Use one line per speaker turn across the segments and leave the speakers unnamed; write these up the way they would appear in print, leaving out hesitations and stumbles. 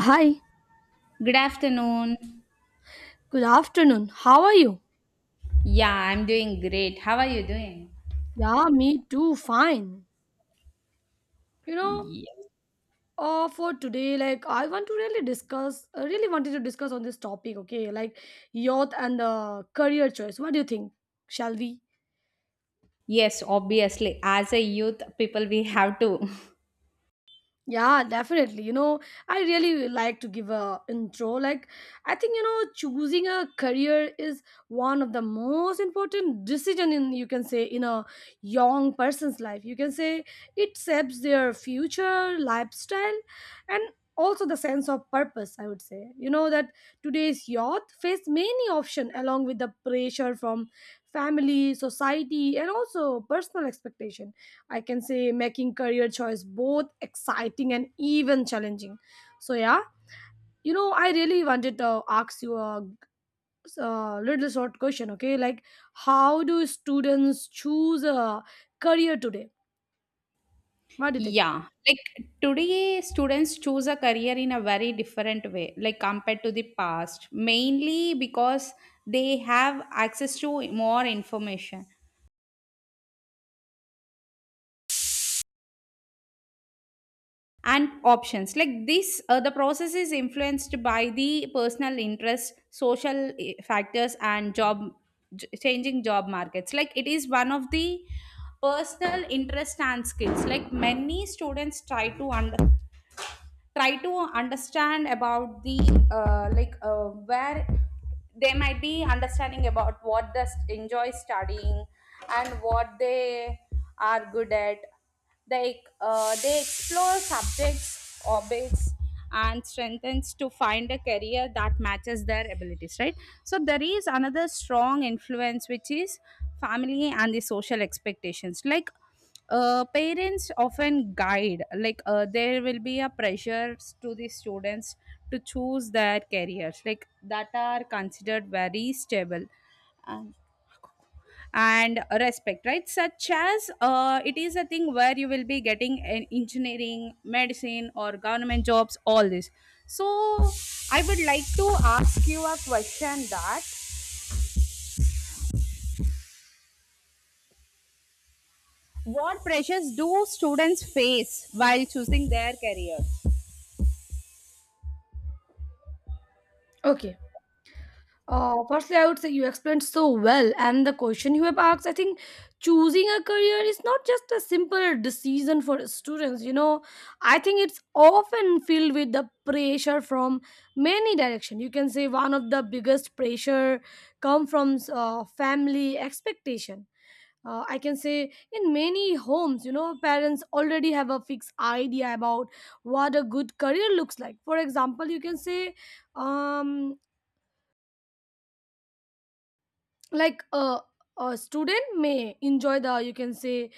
Hi,
Good afternoon.
good afternoon. How are you?
Yeah, I'm doing great. How are you doing?
Yeah, me too. Fine. You know,
Ye-
for today, like I want to really discuss, I really wanted to discuss on this topic. Okay, like youth and the career choice. What do you think? Shall we?
Yes, obviously. As a youth, people, we have to.
Yeah, definitely. I really like to give a intro. Like, I think choosing a career is one of the most important decision in you can say in a young person's life. You can say it shapes their future lifestyle and also the sense of purpose. I would say that today's youth face many options along with the pressure from family, society, and also personal expectation. I can say making career choice both exciting and even challenging. So yeah, I really wanted to ask you a little short question. Okay, like how do students choose a career today? What do you think?
Yeah. Like today, students choose a career in a very different way, like compared to the past, mainly because they have access to more information and options like this. The process is influenced by the personal interest, social, factors, and changing job markets. Like it is one of the personal interest and skills. Like many students try to understand, about the, where they might be understanding about what they enjoy studying and what they are good at. They, they explore subjects, hobbies, and strengthens to find a career that matches their abilities, right? So there is another strong influence which is family and the social expectations. Like, parents often guide, like, there will be a pressure to the students to choose their careers like that are considered very stable and, and respect, right? Such as, it is a thing where you will be getting an engineering, medicine, or government jobs, all this. So I would like to ask you a question that what pressures do students face while choosing their career?
Okay. Firstly, I would say you explained so well, and the question you have asked, I think choosing a career is not just a simple decision for students. You know, I think it's often filled with the pressure from many directions. You can say one of the biggest pressure come from family expectation. I can say in many homes, you know, parents already have a fixed idea about what a good career looks like. For example, you can say um, like a, a student may enjoy the, you can say,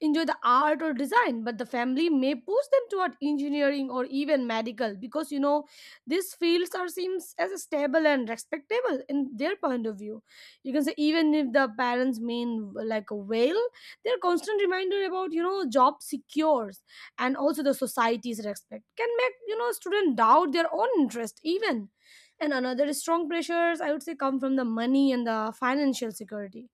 enjoy the art or design, but the family may push them toward engineering or even medical, because, you know, these fields are seems as stable and respectable in their point of view. You can say even if the parents mean like a whale, their constant reminder about, you know, job secures and also the society's respect can make, you know, student doubt their own interest even. And another strong pressures, I would say, come from the money and the financial security.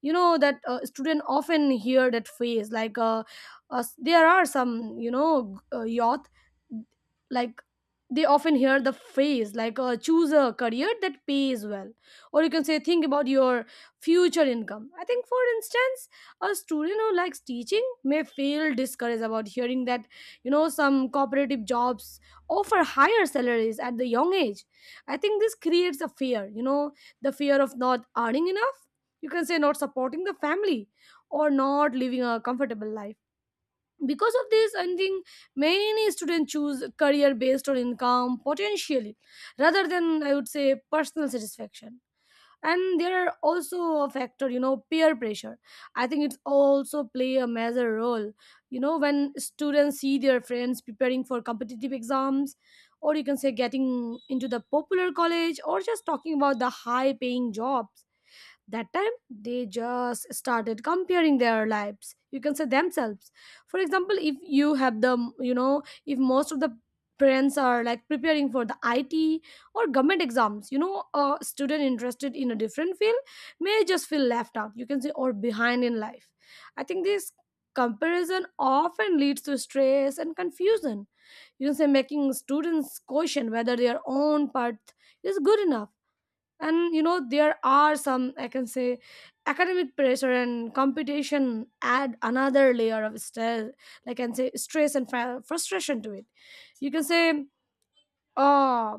You know that student often hear that phrase like there are some, you know, youth, like, they often hear the phrase like choose a career that pays well, or you can say think about your future income. I think for instance a student who likes teaching may feel discouraged about hearing that, you know, some cooperative jobs offer higher salaries at the young age. I think this creates a fear, you know, the fear of not earning enough, you can say not supporting the family or not living a comfortable life. Because of this, I think many students choose career based on income potentially, rather than, I would say, personal satisfaction. And there are also a factor, you know, peer pressure. I think it's also play a major role. You know, when students see their friends preparing for competitive exams, or you can say getting into the popular college, or just talking about the high paying jobs, that time they just started comparing their lives, you can say, themselves. For example, if you have the, you know, if most of the parents are like preparing for the IT or government exams, you know, a student interested in a different field may just feel left out, you can say, or behind in life. I think this comparison often leads to stress and confusion, you can say making students question whether their own path is good enough. And you know there are some, I can say, academic pressure and competition add another layer of stress. I can say stress and frustration to it. You can say uh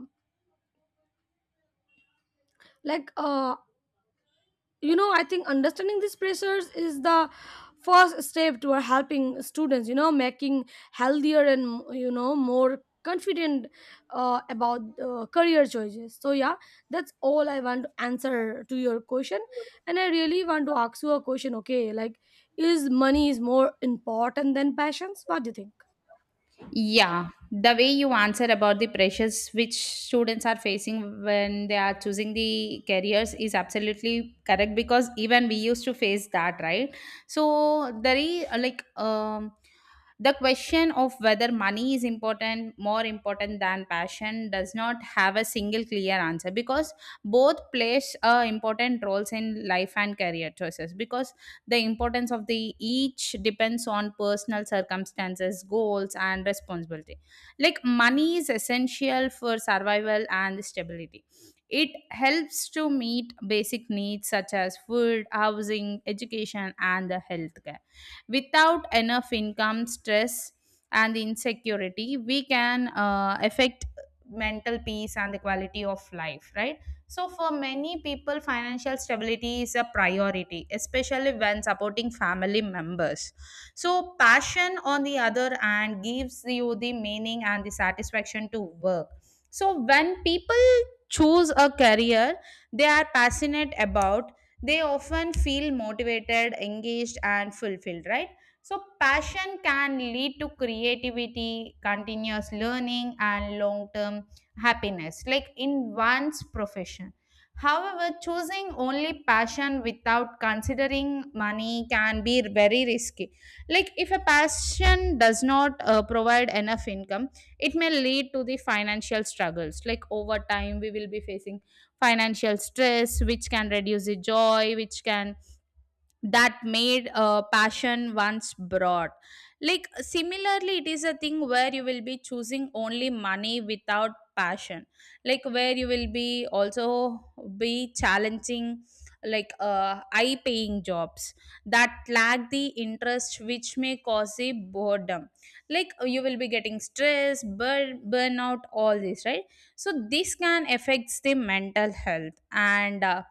like uh you know, I think understanding these pressures is the first step toward helping students, you know, making healthier and, you know, more confident about career choices. So yeah, that's all I want to answer to your question. And I really want to ask you a question. Okay, like, is money is more important than passions? What do you think?
Yeah, the way you answer about the pressures which students are facing when they are choosing the careers is absolutely correct because even we used to face that, right? So there is, the question of whether money is important, more important than passion, does not have a single clear answer, because both plays important roles in life and career choices. Because the importance of the each depends on personal circumstances, goals, and responsibility. Like money is essential for survival and stability. It helps to meet basic needs such as food, housing, education, and the healthcare. Without enough income, stress and insecurity we can affect mental peace and the quality of life, right? So, for many people, financial stability is a priority, especially when supporting family members. So, passion, on the other hand, gives you the meaning and the satisfaction to work. So, when people choose a career they are passionate about, they often feel motivated, engaged, and fulfilled, right? So, passion can lead to creativity, continuous learning, and long term happiness, like in one's profession. However, choosing only passion without considering money can be very risky. Like, if a passion does not provide enough income, it may lead to the financial struggles. Like, over time, we will be facing financial stress, which can reduce the joy, which can that made passion once brought. Like similarly, it is a thing where you will be choosing only money without passion, like where you will be also be challenging. Like, high paying jobs that lack the interest which may cause a boredom, like you will be getting stress, burnout, all this, right? So this can affects the mental health and,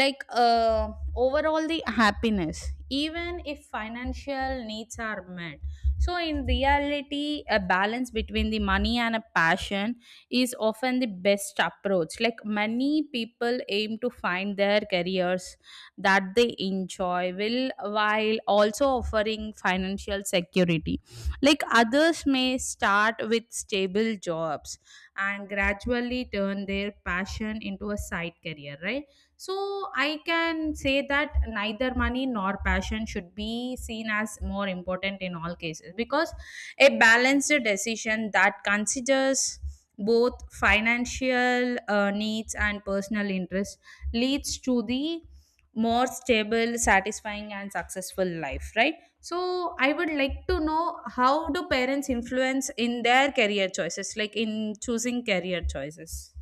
like uh, overall the happiness, even if financial needs are met. So in reality, a balance between the money and a passion is often the best approach. Like many people aim to find their careers that they enjoy will, while also offering financial security. Like others may start with stable jobs and gradually turn their passion into a side career, right? So I can say that neither money nor passion should be seen as more important in all cases, because a balanced decision that considers both financial needs and personal interests leads to the more stable, satisfying, and successful life, right? So, I would like to know, how do parents influence in their career choices, like in choosing career choices?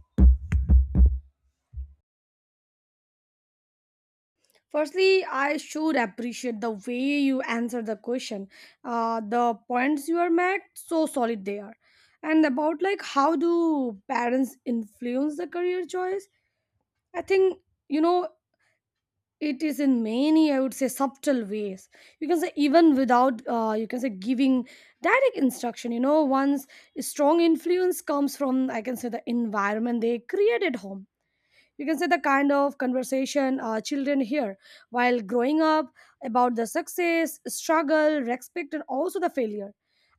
Firstly, I should appreciate the way you answer the question. The points you are made so solid they are. And about like how do parents influence the career choice? I think, you know, it is in many, I would say, subtle ways. You can say even without, you can say, giving direct instruction. You know, one's strong influence comes from, I can say, the environment they create at home. You can say the kind of conversation children hear while growing up about the success, struggle, respect, and also the failure.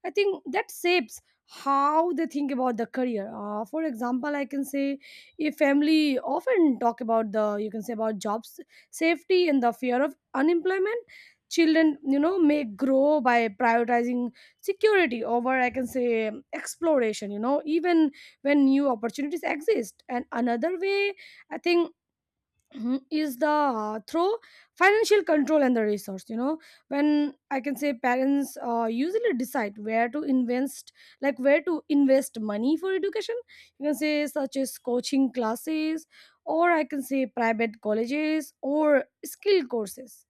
I think that shapes how they think about the career. For example, I can say a family often talk about the, you can say, about jobs safety and the fear of unemployment. Children, you know, may grow by prioritizing security over, I can say, exploration, you know, even when new opportunities exist. And another way, I think, is the, through financial control and the resource. You know, when, I can say, parents usually decide where to invest, like where to invest money for education. You can say, such as coaching classes, or, I can say, private colleges or skill courses.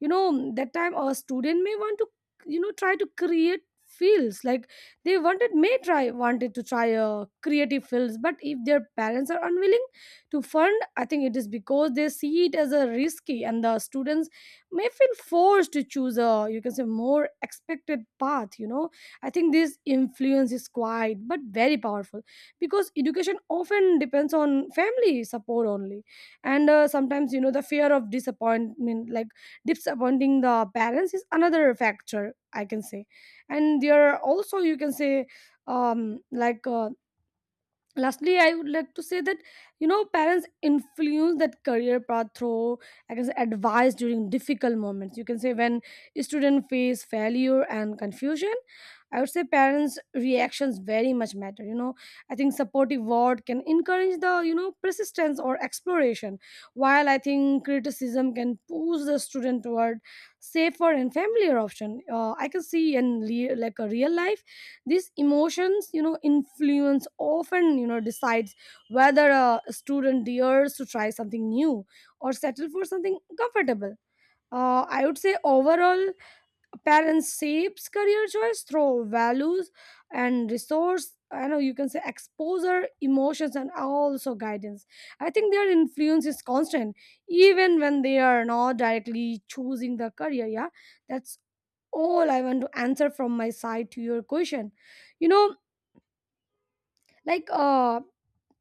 You know, that time a student may want to, you know, try to create fields like they wanted to try a creative fields. But if their parents are unwilling to fund, I think it is because they see it as a risky, and the students may feel forced to choose a, you can say, more expected path. You know, I think this influence is quite but very powerful, because education often depends on family support only. And sometimes, you know, the fear of disappointment, like disappointing the parents, is another factor, I can say. And there are also, you can say, um like uh, lastly, I would like to say that, you know, parents influence that career path through, I can say, advice during difficult moments. You can say when students face failure and confusion, I would say parents reactions very much matter. You know, I think supportive word can encourage the, you know, persistence or exploration, while I think criticism can push the student toward safer and familiar option. I can see in like a real life these emotions, you know, influence often, you know, decides whether a student dares to try something new or settle for something comfortable. I would say overall parents shapes career choice through values and resource. I know, you can say, exposure, emotions, and also guidance. I think their influence is constant even when they are not directly choosing the career. Yeah, that's all I want to answer from my side to your question. You know, like uh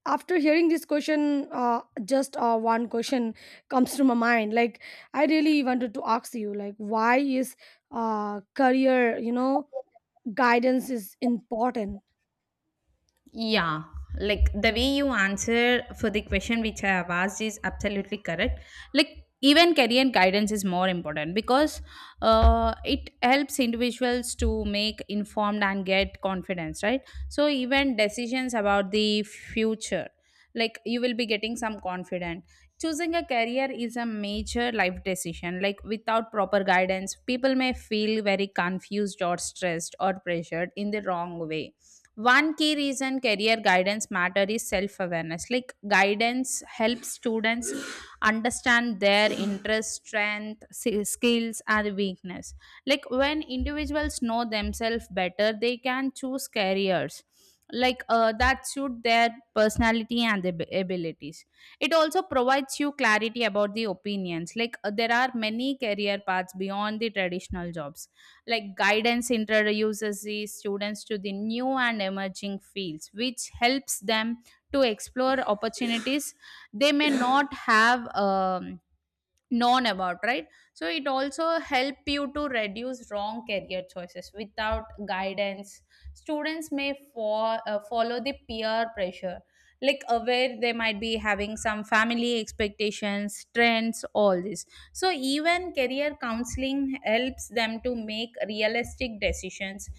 after hearing this question, just one question comes to my mind, like, I really wanted to ask you, like, why is career, you know, guidance is important?
Yeah, like the way you answer for the question which I have asked is absolutely correct. Like even career guidance is more important because it helps individuals to make informed and get confidence, right? So even decisions about the future, like you will be getting some confidence. Choosing a career is a major life decision. Like without proper guidance, people may feel very confused or stressed or pressured in the wrong way. One key reason career guidance matter is self awareness. Like guidance helps students understand their interest, strength, skills, and weakness. Like when individuals know themselves better, they can choose careers like, that suit their personality and their abilities. It also provides you clarity about the opinions. Like, there are many career paths beyond the traditional jobs. Like guidance introduces the students to the new and emerging fields, which helps them to explore opportunities they may not have, known about, right? So it also help you to reduce wrong career choices. Without guidance, students may follow the peer pressure, like aware, they might be having some family expectations, trends, all this. So even career counseling helps them to make realistic decisions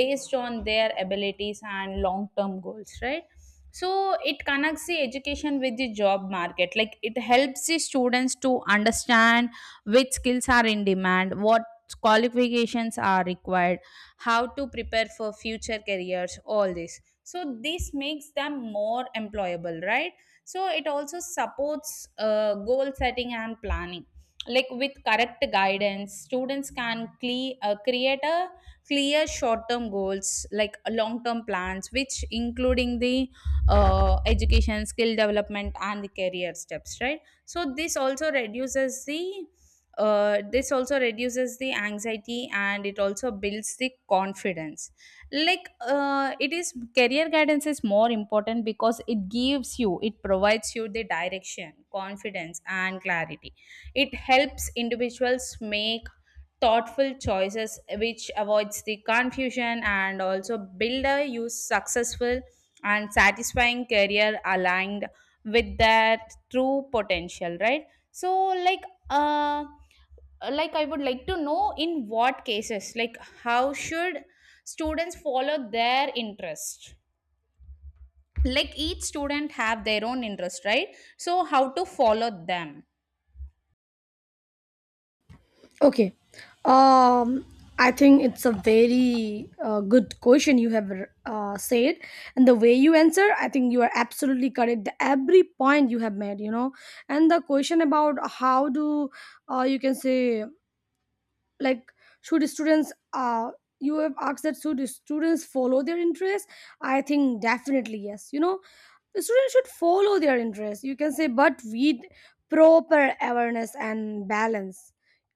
based on their abilities and long term goals, right? So it connects the education with the job market. Like it helps the students to understand which skills are in demand, what qualifications are required, how to prepare for future careers, all this. So this makes them more employable, right? So it also supports goal setting and planning. Like with correct guidance, students can create a clear short term goals, like long term plans which including the, education, skill development, and the career steps, right? So this also reduces the, anxiety and it also builds the confidence. Like, it is, career guidance is more important because it gives you, it provides you the direction, confidence, and clarity. It helps individuals make thoughtful choices which avoids the confusion and also build a use successful and satisfying career aligned with their true potential, right? So, like uh I would like to know, in what cases, like how should students follow their interest? Like each student have their own interest, right? So how to follow them?
Okay. um I think it's a very good question you have said, and the way you answer, I think you are absolutely correct. Every point you have made, you know. And the question about how do, you can say, like, should students, you have asked that should students follow their interests, I think definitely yes. You know, the students should follow their interests. You can say, but with proper awareness and balance.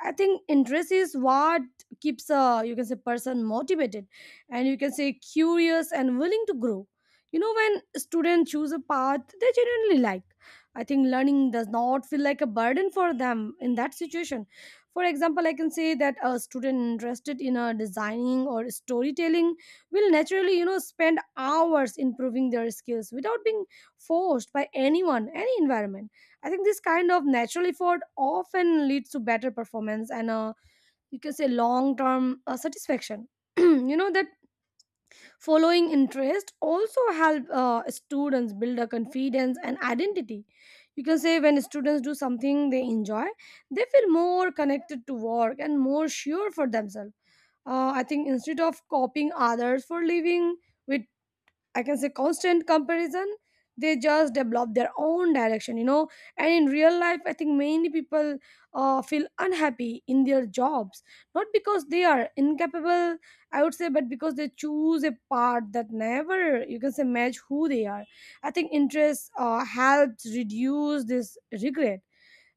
I think interest is what keeps a, you can say, person motivated, and, you can say, curious and willing to grow. You know, when students choose a path they genuinely like, I think learning does not feel like a burden for them in that situation. For example, I can say that a student interested in a designing or storytelling will naturally, you know, spend hours improving their skills without being forced by anyone, any environment. I think this kind of natural effort often leads to better performance and, you can say, long term satisfaction. You know that following interest also help students build a confidence and identity. You can say when students do something they enjoy, they feel more connected to work and more sure for themselves. I think instead of copying others for living with, I can say, constant comparison, they just develop their own direction, you know. And in real life, I think many people feel unhappy in their jobs, not because they are incapable, I would say, but because they choose a path that never, you can say, match who they are. I think interest helps reduce this regret.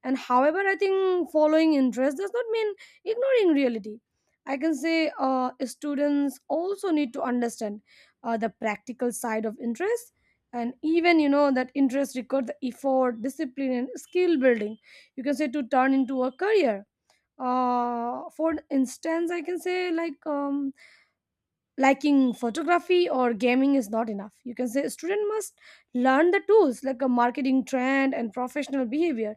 And however, I think following interest does not mean ignoring reality. I can say students also need to understand the practical side of interest, and even you know that interest requires the effort, discipline, and skill building. You can say to turn into a career. For instance, I can say like liking photography or gaming is not enough. You can say a student must learn the tools like a marketing trend and professional behavior.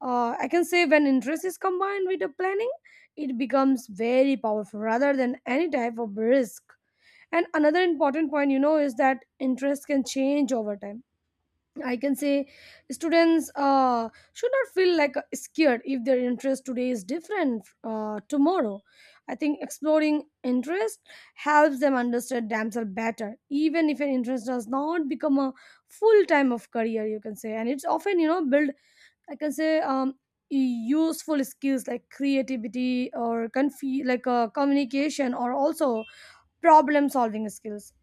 I can say when interest is combined with a planning, it becomes very powerful rather than any type of risk. And another important point, you know, is that interest can change over time. I can say students should not feel like scared if their interest today is different tomorrow. I think exploring interest helps them understand themselves better, even if an interest does not become a full time of career. You can say, and it's often, you know, build. I can say useful skills like creativity or communication or also problem solving skills.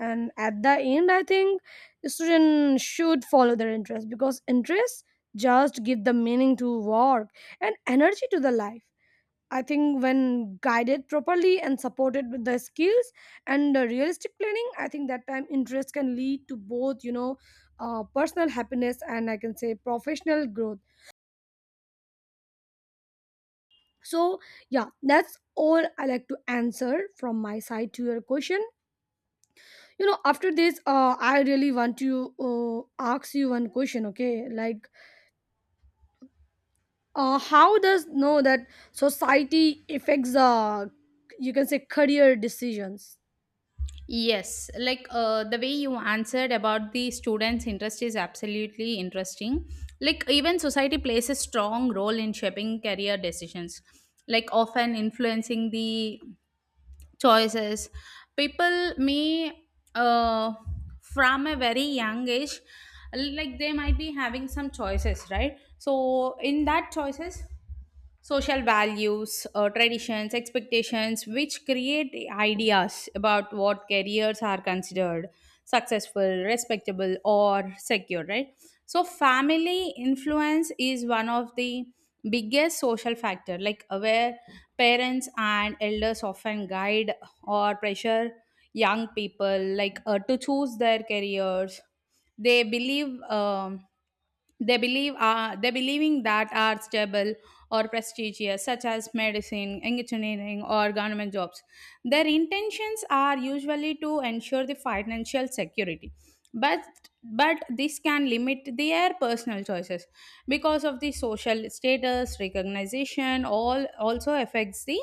And at the end, I think students should follow their interest because interests just give the meaning to work and energy to the life. I think when guided properly and supported with the skills and the realistic planning, I think that time interest can lead to both, you know, personal happiness and I can say professional growth. So yeah, that's all I like to answer from my side to your question. You know, after this, I really want to ask you one question, okay? Like how does know that society affects, you can say, career decisions?
Yes, like the way you answered about the students' interest is absolutely interesting. Like, even society plays a strong role in shaping career decisions, like often influencing the choices. People may, uh, from a very young age, like, they might be having some choices, right? So, in that choices, social values, traditions, expectations, which create ideas about what careers are considered successful, respectable, or secure, right? So, family influence is one of the biggest social factor, like, where parents and elders often guide or pressure young people, like, to choose their careers they believe, they believing that are stable or prestigious, such as medicine, engineering, or government jobs. Their intentions are usually to ensure the financial security, but but this can limit their personal choices because of the social status, recognition, all also affects the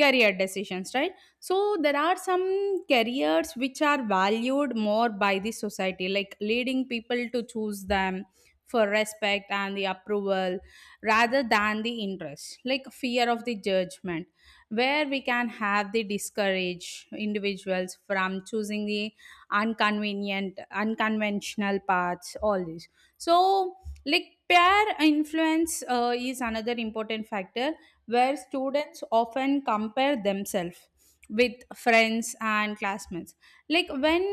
career decisions, right? So there are some careers which are valued more by the society, like leading people to choose them for respect and the approval rather than the interest, like fear of the judgment, where we can have the discourage individuals from choosing the inconvenient, unconventional paths, all this. So like peer influence is another important factor, where students often compare themselves with friends and classmates. Like when,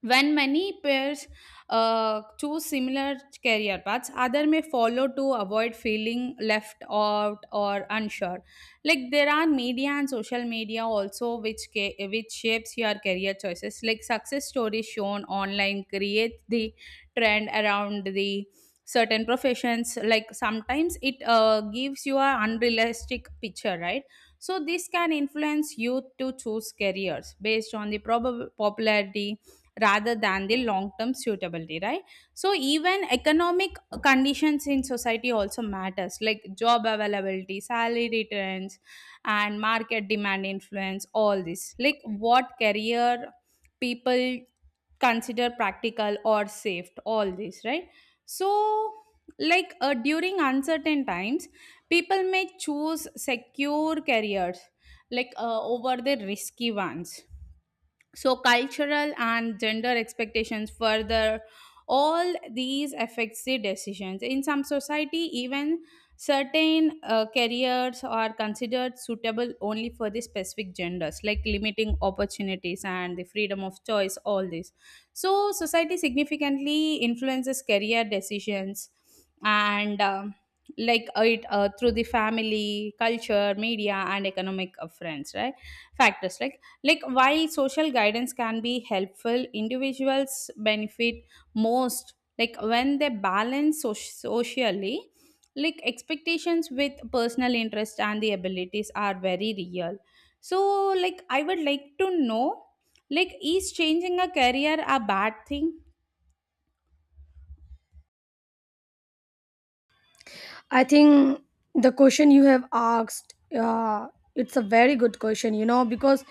many pairs choose similar career paths, other may follow to avoid feeling left out or unsure. Like there are media and social media also which which shapes your career choices. Like success stories shown online create the trend around the certain professions. Like sometimes it gives you a unrealistic picture, right? So this can influence youth to choose careers based on the popularity rather than the long term suitability, right? So even economic conditions in society also matters, like job availability, salary returns, and market demand influence all this, like what career people consider practical or safe, all this, right? So like, during uncertain times, people may choose secure careers like, over the risky ones. So cultural and gender expectations further all these affects the decisions. In some society, even certain careers are considered suitable only for the specific genders, like limiting opportunities and the freedom of choice, all this. So society significantly influences career decisions and, it, through the family, culture, media, and economic, friends, right, factors, like, while social guidance can be helpful, individuals benefit most, like, when they balance socially, like, expectations with personal interest and the abilities are very real. So, like, I would like to know, like, is changing a career a bad thing?
I think the question you have asked, it's a very good question, you know, because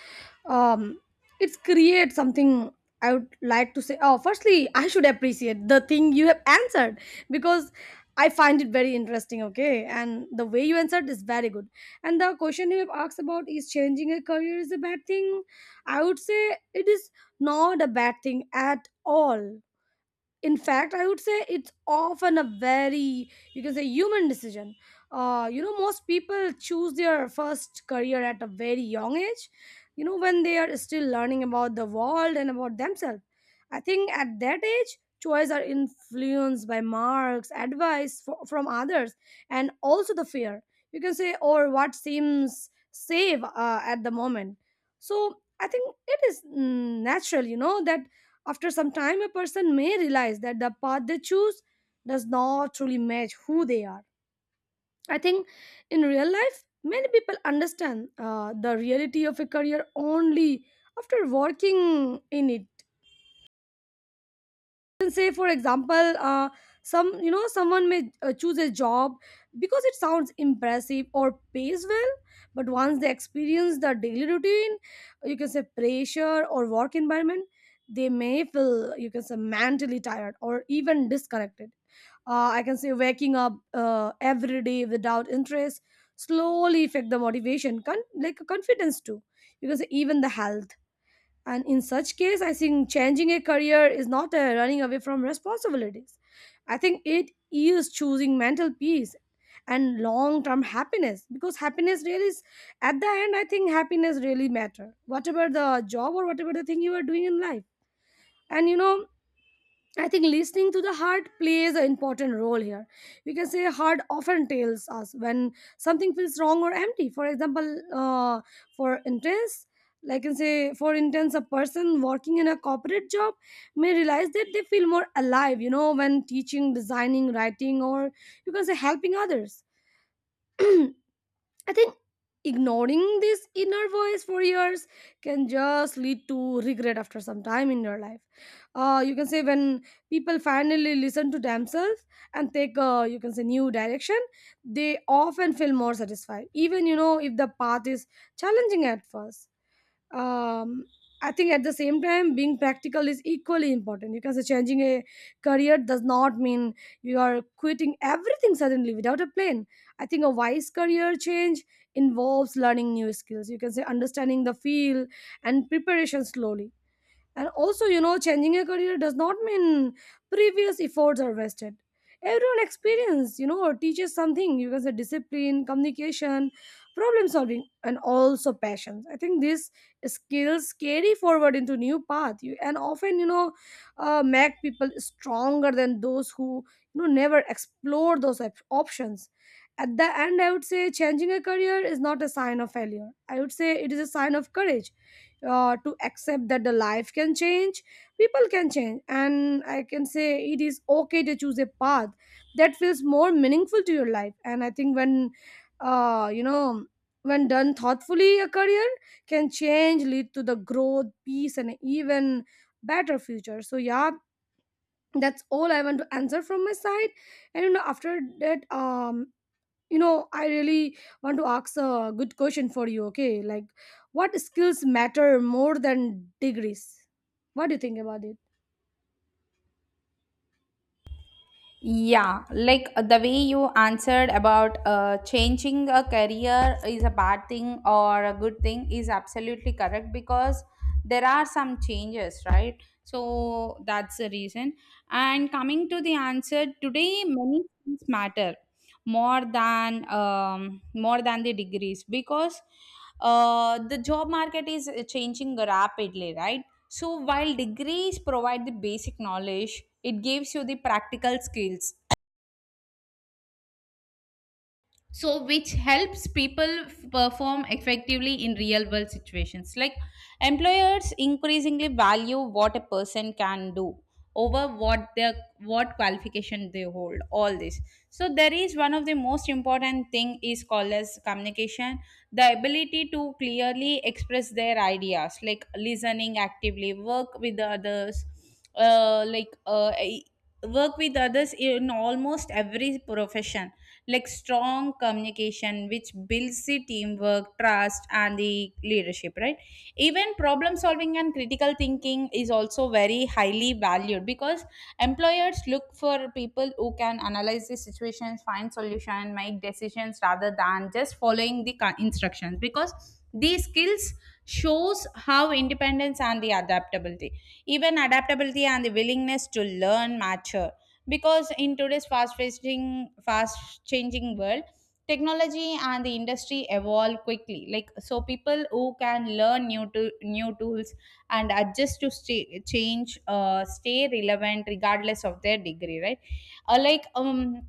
um, it's create something I would like to say. Oh, firstly, I should appreciate the thing you have answered because I find it very interesting, okay? And the way you answered is very good. And the question you have asked about is changing a career is a bad thing. I would say it is not a bad thing at all. In fact, I would say it's often a very, you can say, human decision. You know, most people choose their first career at a very young age, you know, when they are still learning about the world and about themselves. I think at that age choices are influenced by marks, advice from others, and also the fear, you can say, or what seems safe at the moment. So I think it is natural, you know, that after some time, a person may realize that the path they choose does not truly match who they are. I think in real life, many people understand the reality of a career only after working in it. Can say, for example, some, you know, someone may choose a job because it sounds impressive or pays well, but once they experience the daily routine, you can say pressure or work environment, they may feel, you can say, mentally tired or even disconnected. Uh, I can say waking up every day without interest slowly affect the motivation, like confidence too, you can say even the health. And in such case, I think changing a career is not a running away from responsibilities. I think it is choosing mental peace and long-term happiness, because happiness really is, at the end, I think happiness really matter whatever the job or whatever the thing you are doing in life. And you know, I think listening to the heart plays an important role here. We can say heart often tells us when something feels wrong or empty. For example, for intense, like I can say, for intense, a person working in a corporate job may realize that they feel more alive, you know, when teaching, designing, writing, or you can say helping others. I think ignoring this inner voice for years can just lead to regret after some time in your life. You can say when people finally listen to themselves and take a, you can say, new direction, they often feel more satisfied, even, you know, if the path is challenging at first. um, I think at the same time, being practical is equally important because changing a career does not mean you are quitting everything suddenly without a plan. I think a wise career change involves learning new skills. You can say understanding the field and preparation slowly. And also, you know, changing a career does not mean previous efforts are wasted. Everyone experience, you know, teaches something. You can say discipline, communication, problem solving, and also passions. I think these skills carry forward into new path. You and often, you know, make people stronger than those who, you know, never explore those options. At the end, I would say changing a career is not a sign of failure. I would say it is a sign of courage to accept that the life can change, people can change, and I can say it is okay to choose a path that feels more meaningful to your life. And I think when uh, you know when done thoughtfully, a career can change, lead to the growth, peace, and even better future. So yeah, that's all I want to answer from my side. And you know, after that, you know, I really want to ask a good question for you, okay? Like what skills matter more than degrees? What do you think about it?
Yeah, like the way you answered about changing a career is a bad thing or a good thing is absolutely correct, because there are some changes, right? So that's the reason. And coming to the answer, today many things matter more than, the degrees, because the job market is changing rapidly, right? So, while degrees provide the basic knowledge, it gives you the practical skills so which helps people perform effectively in real world situations. Like employers increasingly value what a person can do over what their, what qualification they hold, all this. So there is one of the most important thing is called as communication, the ability to clearly express their ideas, like listening actively, work with the others, uh, like uh, e, work with others in almost every profession. Like strong communication which builds the teamwork, trust, and the leadership, right? Even problem solving and critical thinking is also very highly valued, because employers look for people who can analyze the situations, find solution, make decisions rather than just following the instructions, because these skills shows how independence and the adaptability. Even adaptability and the willingness to learn mature, because in today's fast changing world, technology and the industry evolve quickly. Like so people who can learn new to new tools and adjust to stay, change stay relevant regardless of their degree, right? uh, like um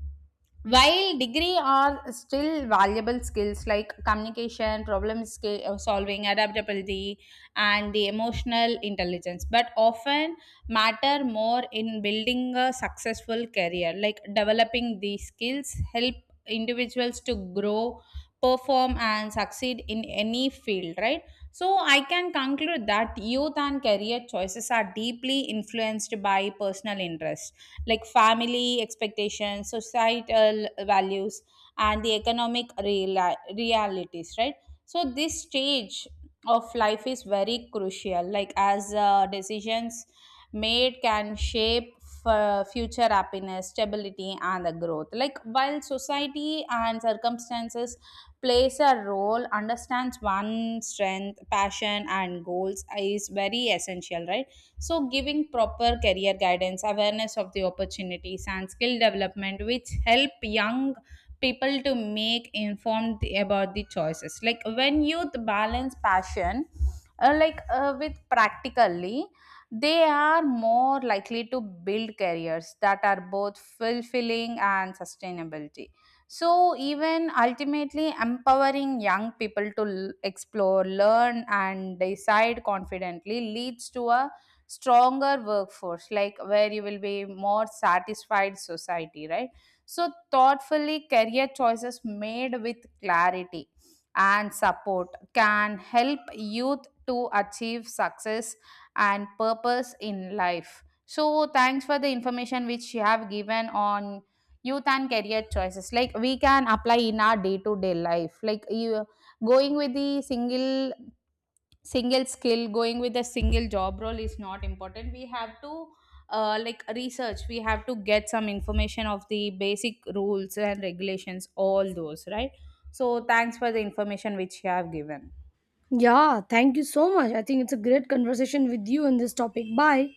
while degree are still valuable, skills like communication, solving, adaptability, and the emotional intelligence, but often matter more in building a successful career. Like developing these skills help individuals to grow, perform, and succeed in any field, right? So I can conclude that youth and career choices are deeply influenced by personal interests, like family expectations, societal values, and the economic realities, right? So this stage of life is very crucial, like as decisions made can shape future happiness, stability, and the growth. Like while society and circumstances plays a role, understands one strength, passion, and goals is very essential, right? So giving proper career guidance, awareness of the opportunities, and skill development, which help young people to make informed about the choices, like when youth balance passion, with practically, they are more likely to build careers that are both fulfilling and sustainability. So even ultimately, empowering young people to explore, learn, and decide confidently leads to a stronger workforce, like where you will be more satisfied society, right? So thoughtfully career choices made with clarity and support can help youth to achieve success and purpose in life. So thanks for the information which you have given on youth and career choices. Like we can apply in our day to day life. Like you going with the single skill, going with a single job role is not important. We have to, like research. We have to get some information of the basic rules and regulations, all those, right? So thanks for the information which you have given.
Yeah, thank you so much. I think it's a great conversation with you on this topic. Bye.